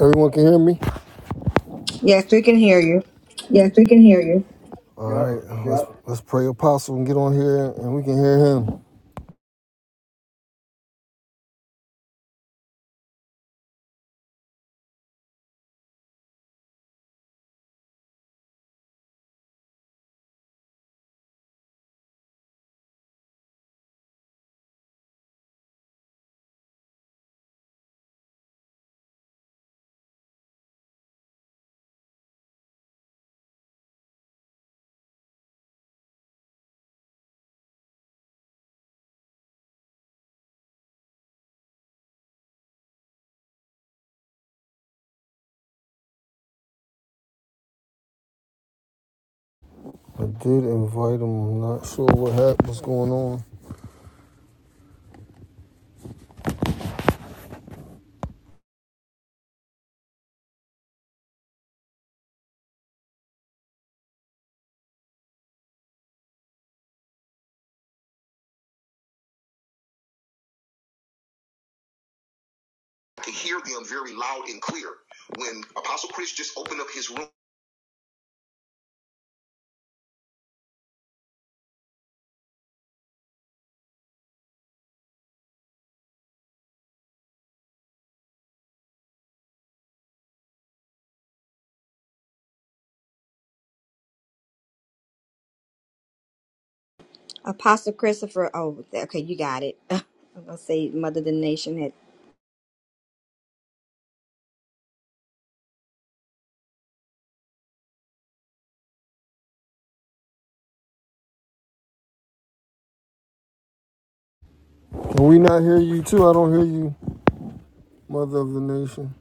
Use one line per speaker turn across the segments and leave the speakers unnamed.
Everyone can hear me?
Yes, we can hear you.
Yes, we can hear you. All
Yep.
right, uh, let's Yep. let's pray apostle and get on here and we can hear him. I did invite him. I'm not sure what happened, what's going on.
I could hear them very loud and clear when Apostle Chris just opened up his room.
Apostle Christopher. Oh, okay, you got it. I'm gonna say Mother the Nation had.
Can we not hear you too? I don't hear you, mother of the nation.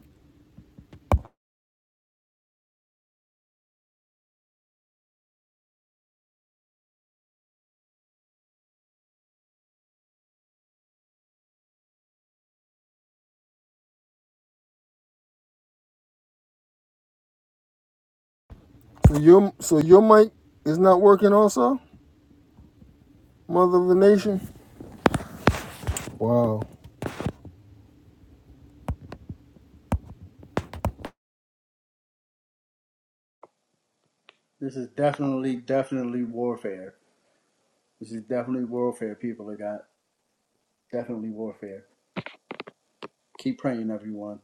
So your so your mic is not working also, mother of the nation. Wow.
This is definitely, definitely warfare. This is definitely warfare, people I got Definitely warfare. Keep praying, everyone.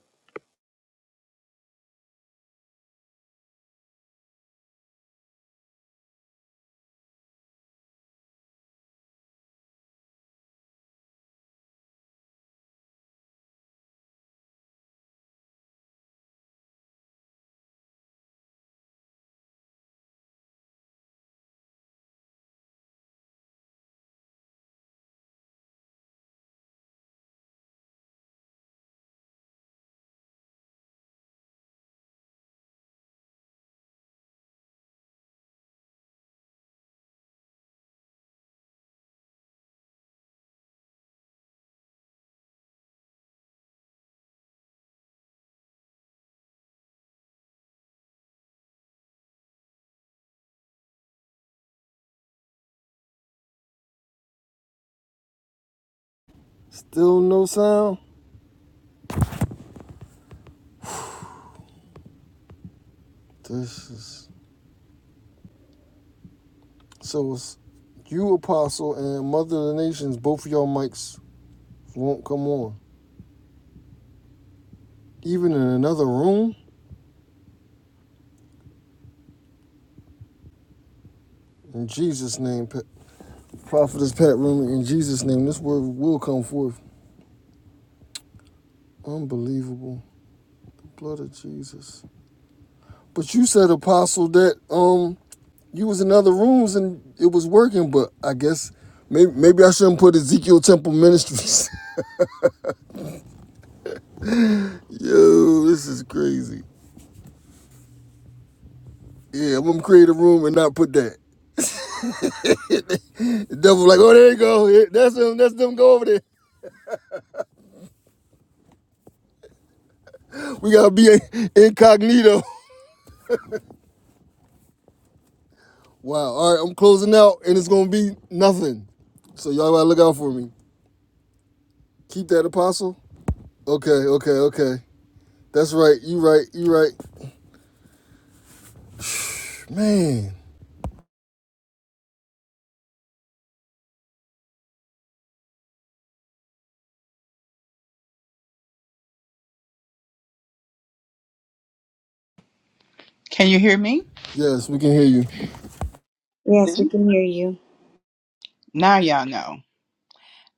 Still no sound. This is so it's you apostle and mother of the nations. Both of your mics won't come on. Even in another room. In Jesus' name, Prophetess Pat Rooney, in Jesus' name, this word will come forth. Unbelievable. Blood of Jesus. But you said, Apostle, that um you was in other rooms and it was working, but I guess maybe maybe I shouldn't put Ezekiel Temple Ministries. Yo, this is crazy. Yeah, I'm gonna create a room and not put that. The devil like, oh there you go. Yeah, That's them, that's them go over there. We gotta be incognito. Wow. All right, I'm closing out, and it's gonna be nothing. So y'all gotta look out for me. Keep that apostle. Okay, okay, okay. That's right. You right. You right. Man.
Can you hear me?
Yes, we can hear you.
Yes, we
See?
can hear you.
Now y'all know.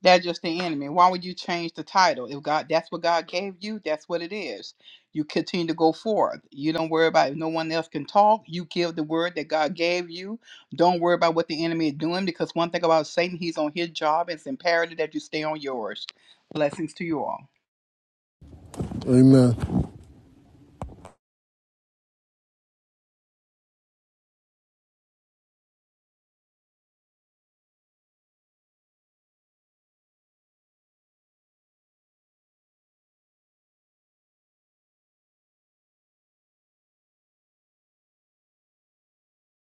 That's just the enemy. Why would you change the title? If God that's what God gave you, that's what it is. You continue to go forth. You don't worry about if no one else can talk. You give the word that God gave you. Don't worry about what the enemy is doing because one thing about Satan, he's on his job. It's imperative that you stay on yours. Blessings to you all.
Amen.